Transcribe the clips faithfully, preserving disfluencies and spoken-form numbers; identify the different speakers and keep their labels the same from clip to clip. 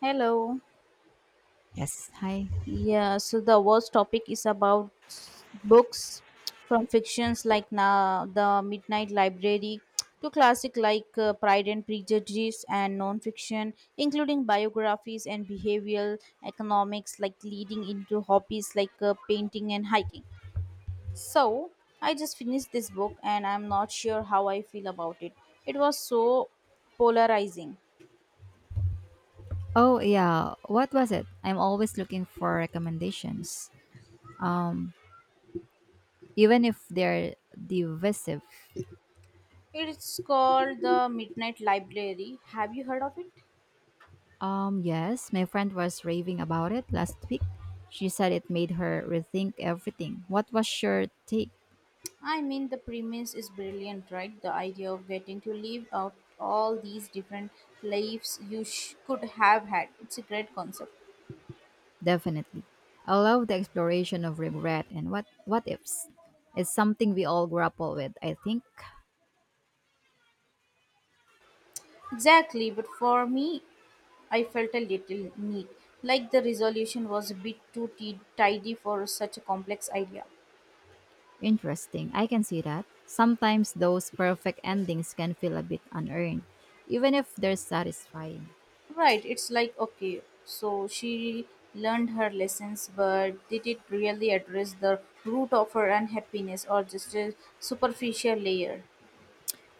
Speaker 1: Hello.
Speaker 2: Yes. Hi.
Speaker 1: Yeah, so the worst topic is about s- books from fictions like na The Midnight Library to classic like uh, Pride and Prejudice and non-fiction, including biographies and behavioral economics, like leading into hobbies like uh, painting and hiking. So, I just finished this book and I'm not sure how I feel about it. It was so polarizing.
Speaker 2: Oh yeah. What was it? I'm always looking for recommendations. Um, Even if they're divisive.
Speaker 1: It's called The Midnight Library. Have you heard of it?
Speaker 2: Um, yes, my friend was raving about it last week. She said it made her rethink everything. What was your take?
Speaker 1: I mean, the premise is brilliant, right? The idea of getting to live out all these different lives you sh- could have had. It's a great concept.
Speaker 2: Definitely. I love the exploration of regret and what what ifs. It's something we all grapple with, I think.
Speaker 1: Exactly, but for me, I felt a little neat. Like the resolution was a bit too ti- tidy for such a complex idea.
Speaker 2: Interesting. I can see that. Sometimes those perfect endings can feel a bit unearned, even if they're satisfying.
Speaker 1: Right, it's like, okay, so she learned her lessons, but did it really address the root of her unhappiness or just a superficial layer?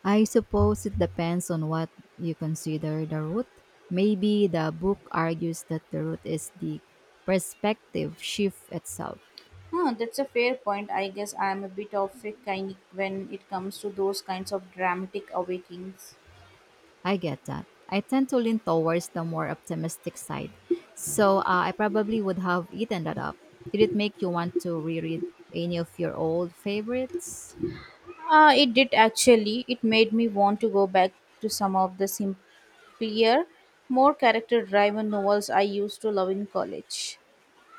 Speaker 2: I suppose it depends on what you consider the root. Maybe the book argues that the root is the perspective shift itself.
Speaker 1: Huh, that's a fair point. I guess I am a bit of a cynic when it comes to those kinds of dramatic awakenings.
Speaker 2: I get that. I tend to lean towards the more optimistic side. So uh, I probably would have eaten that up. Did it make you want to reread any of your old favorites?
Speaker 1: Uh, it did actually. It made me want to go back to some of the simpler, more character driven novels I used to love in college.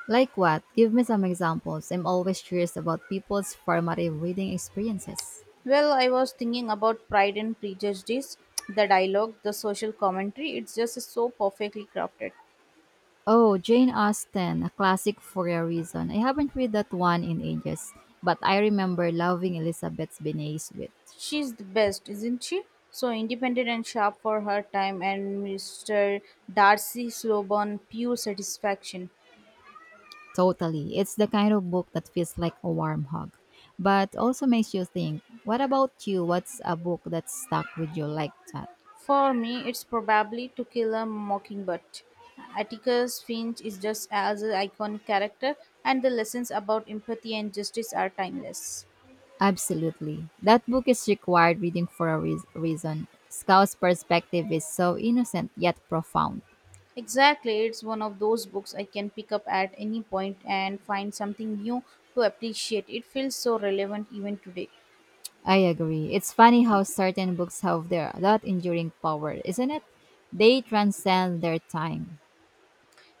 Speaker 2: Like what? Give me some examples. I'm always curious about people's formative reading experiences.
Speaker 1: Well, I was thinking about Pride and Prejudice, the dialogue, the social commentary. It's just so perfectly crafted.
Speaker 2: Oh, Jane Austen, a classic for a reason. I haven't read that one in ages, but I remember loving Elizabeth Benet's wit.
Speaker 1: She's the best, isn't she? So independent and sharp for her time, and Mister Darcy Sloban, pure satisfaction.
Speaker 2: Totally. It's the kind of book that feels like a warm hug, but also makes you think, what about you? What's a book that stuck with you like that?
Speaker 1: For me, it's probably To Kill a Mockingbird. Atticus Finch is just as an iconic character, and the lessons about empathy and justice are timeless.
Speaker 2: Absolutely. That book is required reading for a reas reason. Scout's perspective is so innocent yet profound.
Speaker 1: Exactly, it's one of those books I can pick up at any point and find something new to appreciate. It feels so relevant even today.
Speaker 2: I agree. It's funny how certain books have their that enduring power, isn't it? They transcend their time.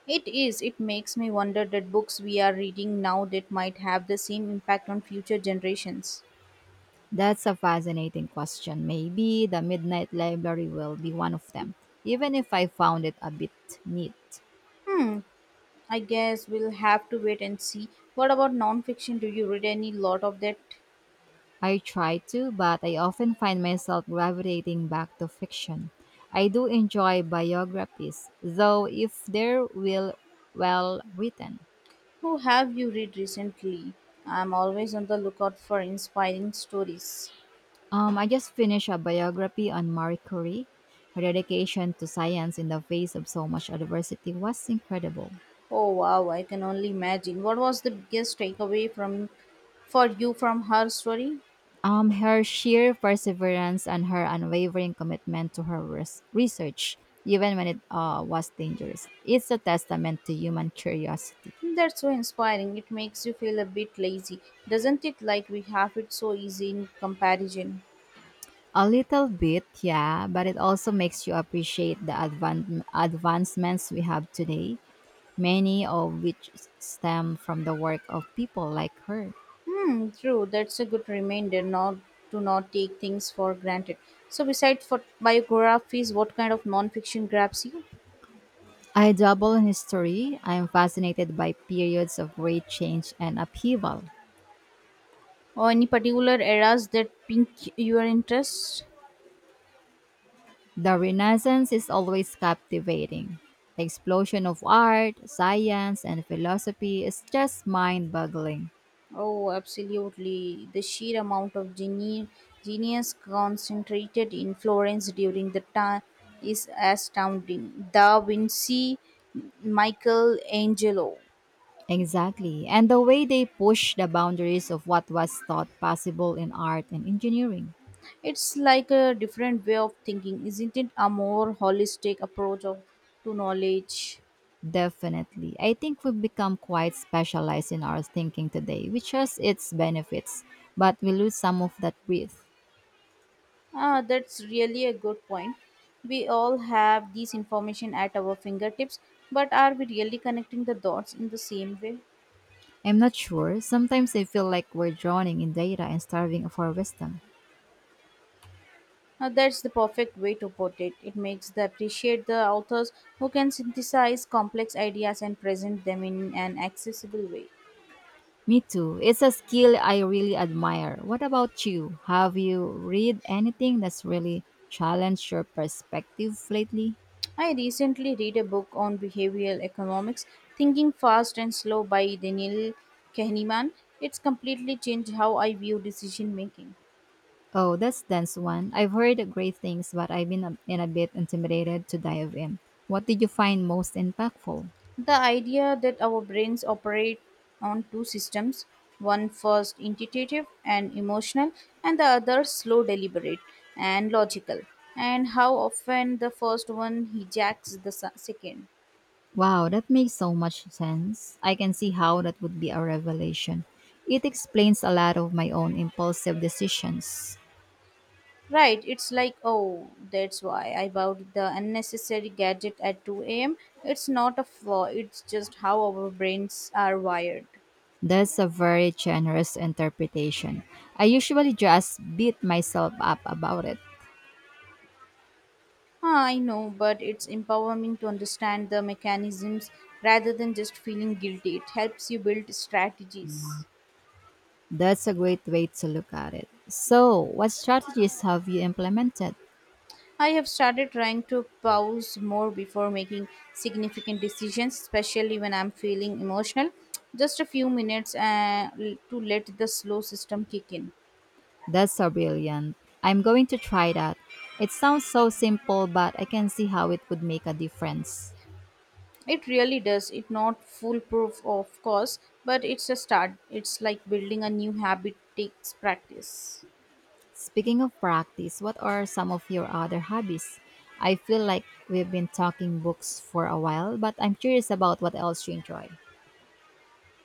Speaker 1: It is. It makes me wonder that books we are reading now that might have the same impact on future generations.
Speaker 2: That's a fascinating question. Maybe the Midnight Library will be one of them, even if I found it a bit neat.
Speaker 1: Hmm. I guess we'll have to wait and see. What about nonfiction? Do you read any lot of that?
Speaker 2: I try to, but I often find myself gravitating back to fiction. I do enjoy biographies, though if they're well, well written.
Speaker 1: Who have you read recently? I'm always on the lookout for inspiring stories.
Speaker 2: Um, I just finished a biography on Marie Curie. Her dedication to science in the face of so much adversity was incredible.
Speaker 1: Oh wow, I can only imagine. What was the biggest takeaway from for you from her story?
Speaker 2: Um, her sheer perseverance and her unwavering commitment to her res- research, even when it uh, was dangerous, it's a testament to human curiosity.
Speaker 1: That's so inspiring. It makes you feel a bit lazy, doesn't it? Like we have it so easy in comparison.
Speaker 2: A little bit, yeah, but it also makes you appreciate the advan- advancements we have today, many of which stem from the work of people like her.
Speaker 1: Hmm, true. That's a good reminder not to not take things for granted. So, besides for biographies, what kind of non-fiction grabs you,
Speaker 2: I dabble in history. I am fascinated by periods of great change and upheaval.
Speaker 1: or any particular eras that pique your interest?
Speaker 2: The Renaissance is always captivating. The explosion of art, science, and philosophy is just mind boggling.
Speaker 1: Oh, absolutely. The sheer amount of geni- genius concentrated in Florence during the time is astounding. Da Vinci, Michelangelo.
Speaker 2: Exactly. And the way they push the boundaries of what was thought possible in art and engineering.
Speaker 1: It's like a different way of thinking, isn't it? A more holistic approach of, to knowledge.
Speaker 2: Definitely. I think we've become quite specialized in our thinking today, which has its benefits, but we lose some of that breadth.
Speaker 1: Ah, that's really a good point. We all have this information at our fingertips, but are we really connecting the dots in the same way?
Speaker 2: I'm not sure. Sometimes I feel like we're drowning in data and starving for wisdom.
Speaker 1: Now, that's the perfect way to put it. It makes the appreciate the authors who can synthesize complex ideas and present them in an accessible way.
Speaker 2: Me too. It's a skill I really admire. What about you? Have you read anything that's really challenged your perspective lately?
Speaker 1: I recently read a book on behavioral economics, Thinking Fast and Slow by Daniel Kahneman. It's completely changed how I view decision making.
Speaker 2: Oh, that's dense one. I've heard great things, but I've been a, in a bit intimidated to dive in. What did you find most impactful?
Speaker 1: The idea that our brains operate on two systems, one first intuitive and emotional, and the other slow, deliberate, and logical, and how often the first one hijacks the se- second.
Speaker 2: Wow, that makes so much sense. I can see how that would be a revelation. It explains a lot of my own impulsive decisions.
Speaker 1: Right, it's like, oh, that's why I bought the unnecessary gadget at two a m. It's not a flaw, it's just how our brains are wired.
Speaker 2: That's a very generous interpretation. I usually just beat myself up about it.
Speaker 1: Ah, I know, but it's empowering to understand the mechanisms rather than just feeling guilty. It helps you build strategies.
Speaker 2: That's a great way to look at it. So, what strategies have you implemented?
Speaker 1: I have started trying to pause more before making significant decisions, especially when I'm feeling emotional. Just a few minutes uh, l- to let the slow system kick in.
Speaker 2: That's so brilliant. I'm going to try that. It sounds so simple, but I can see how it would make a difference.
Speaker 1: It really does. It's not foolproof, of course, but it's a start. It's like building a new habit takes practice.
Speaker 2: Speaking of practice, what are some of your other hobbies? I feel like we've been talking books for a while, but I'm curious about what else you enjoy.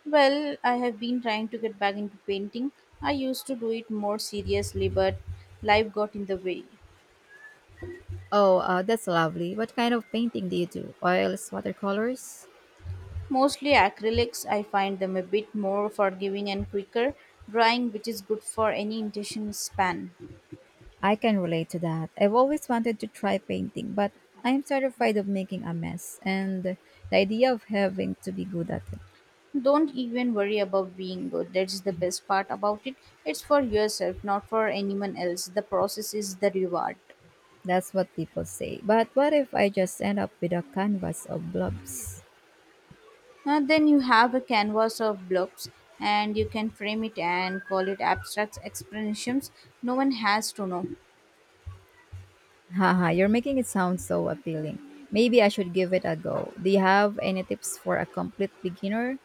Speaker 1: Well, I have been trying to get back into painting. I used to do it more seriously, but life got in the way.
Speaker 2: Oh, uh, that's lovely. What kind of painting do you do? Oils, watercolors?
Speaker 1: Mostly acrylics, I find them a bit more forgiving and quicker drying, which is good for any intention span.
Speaker 2: I can relate to that. I've always wanted to try painting, but I'm terrified of making a mess and the idea of having to be good at it.
Speaker 1: Don't even worry about being good. That's the best part about it. It's for yourself, not for anyone else. The process is the reward.
Speaker 2: That's what people say. But what if I just end up with a canvas of blobs?
Speaker 1: And then you have a canvas of blobs and you can frame it and call it abstracts explanations. No one has to know.
Speaker 2: Haha, you're making it sound so appealing. Maybe I should give it a go. Do you have any tips for a complete beginner?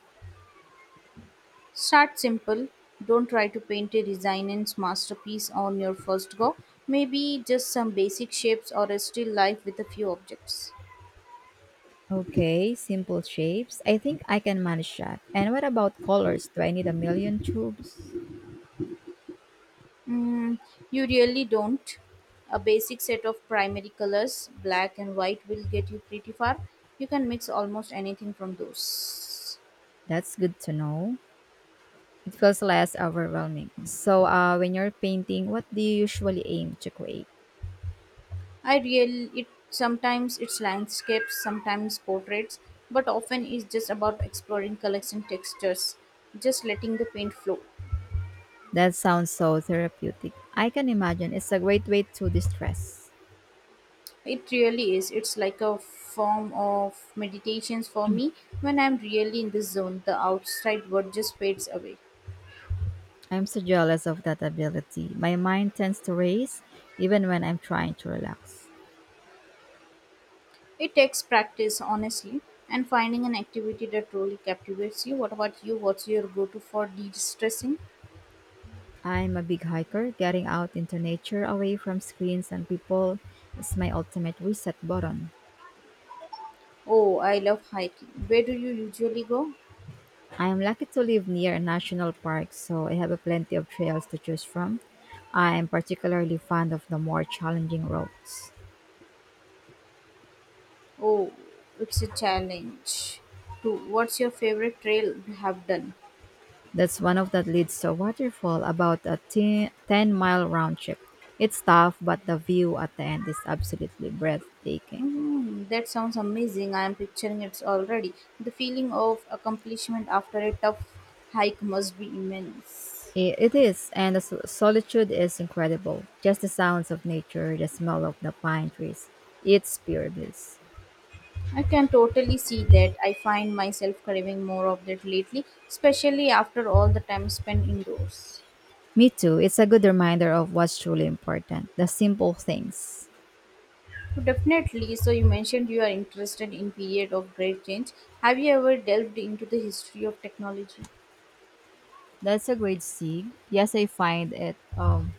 Speaker 1: Start simple. Don't try to paint a Renaissance masterpiece on your first go. Maybe just some basic shapes or a still life with a few objects.
Speaker 2: Okay, simple shapes. I think I can manage that. And what about colors? Do I need a million tubes?
Speaker 1: Mm, you really don't. A basic set of primary colors, black and white, will get you pretty far. You can mix almost anything from those.
Speaker 2: That's good to know. It feels less overwhelming. So, uh, when you're painting, what do you usually aim to create?
Speaker 1: I really it sometimes it's landscapes, sometimes portraits, but often it's just about exploring colors and textures, just letting the paint flow.
Speaker 2: That sounds so therapeutic. I can imagine it's a great way to distress.
Speaker 1: It really is. It's like a form of meditations for me. When I'm really in the zone, the outside world just fades away.
Speaker 2: I'm so jealous of that ability. My mind tends to race even when I'm trying to relax.
Speaker 1: It takes practice, honestly, and finding an activity that truly captivates you. What about you? What's your go-to for de-stressing?
Speaker 2: I'm a big hiker. Getting out into nature away from screens and people is my ultimate reset button.
Speaker 1: Oh, I love hiking. Where do you usually go?
Speaker 2: I am lucky to live near a national park, so I have a plenty of trails to choose from. I am particularly fond of the more challenging routes.
Speaker 1: Oh, it's a challenge. To what's your favorite trail you have done?
Speaker 2: That's one of that leads to a waterfall, about a ten mile round trip. It's tough, but the view at the end is absolutely breathtaking.
Speaker 1: Mm, that sounds amazing. I am picturing it already. The feeling of accomplishment after a tough hike must be immense.
Speaker 2: I- It is, and the sol- solitude is incredible. Just the sounds of nature, the smell of the pine trees. It's pure bliss.
Speaker 1: I can totally see that. I find myself craving more of that lately, especially after all the time spent indoors.
Speaker 2: Me too. It's a good reminder of what's truly important the simple things.
Speaker 1: So definitely. So you mentioned you are interested in period of great change. Have you ever delved into the history of technology?
Speaker 2: That's a great C. Yes, I find it um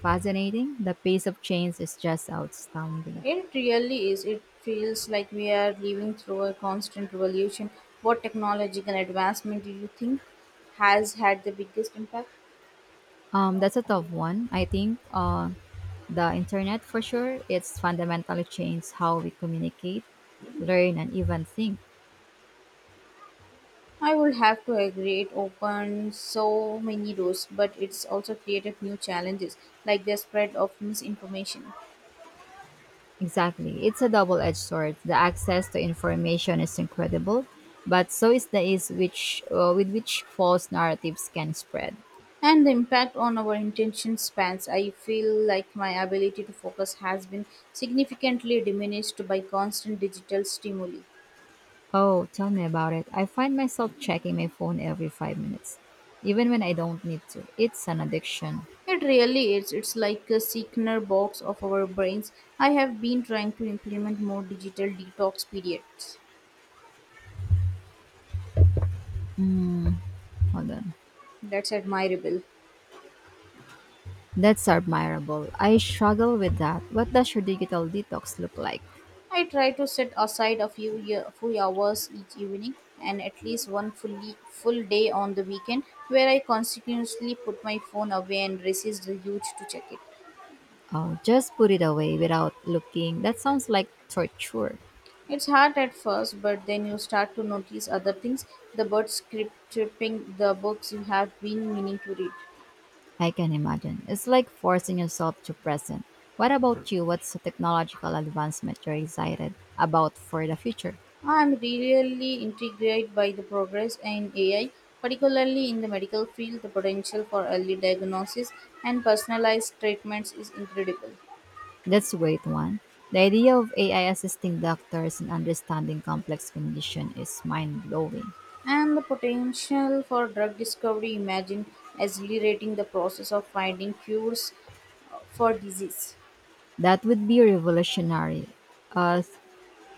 Speaker 2: fascinating. The pace of change is just outstanding.
Speaker 1: It really is. It feels like we are living through a constant revolution. What technological advancement do you think has had the biggest impact?
Speaker 2: Um, that's a tough one. I think uh, the internet for sure. It's fundamentally changed how we communicate, learn, and even think.
Speaker 1: I would have to agree. It opened so many doors, but it's also created new challenges, like the spread of misinformation
Speaker 2: Exactly. It's a double-edged sword. The access to information is incredible, but so is the ease which uh, with which false narratives can spread.
Speaker 1: and the impact on our attention spans. I feel like my ability to focus has been significantly diminished by constant digital stimuli.
Speaker 2: Oh, tell me about it. I find myself checking my phone every five minutes, even when I don't need to. It's an addiction.
Speaker 1: It really is. It's like a sickener box of our brains. I have been trying to implement more digital detox periods.
Speaker 2: Hold on.
Speaker 1: That's admirable.
Speaker 2: That's admirable. I struggle with that. What does your digital detox look like?
Speaker 1: I try to set aside a few year, few hours each evening and at least one fully full day on the weekend where I conscientiously put my phone away and resist the urge to check it.
Speaker 2: Oh, just put it away without looking. That sounds like torture.
Speaker 1: It's hard at first, but then you start to notice other things, the birds script chirping, the books you have been meaning to read.
Speaker 2: I can imagine. It's like forcing yourself to present. What about you? What's a technological advancement you're excited about for the future?
Speaker 1: I'm really intrigued by the progress in A I, particularly in the medical field. The potential for early diagnosis and personalized treatments is incredible.
Speaker 2: That's a great one. The idea of A I assisting doctors in understanding complex condition is mind-blowing.
Speaker 1: And the potential for drug discovery, imagine accelerating the process of finding cures uh, for disease.
Speaker 2: That would be revolutionary. Uh,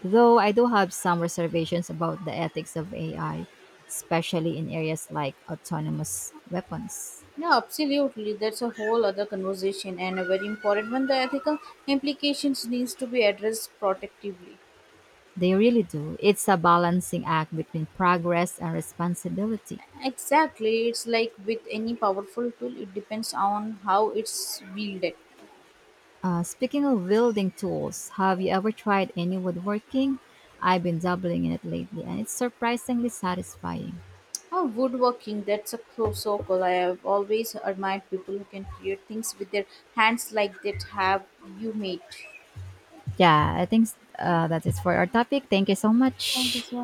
Speaker 2: though I do have some reservations about the ethics of A I, especially in areas like autonomous weapons.
Speaker 1: Yeah, absolutely. That's a whole other conversation and a very important one. The ethical implications needs to be addressed protectively.
Speaker 2: They really do. It's a balancing act between progress and responsibility.
Speaker 1: Exactly, it's like with any powerful tool, it depends on how it's wielded.
Speaker 2: Uh, speaking of building tools, have you ever tried any woodworking? I've been dabbling in it lately and it's surprisingly satisfying.
Speaker 1: Oh, woodworking, that's a so, so cool. I have always admired people who can create things with their hands like that. Have you made?
Speaker 2: Yeah, I think uh, that is for our topic. Thank you so
Speaker 1: Thank you
Speaker 2: much.
Speaker 1: so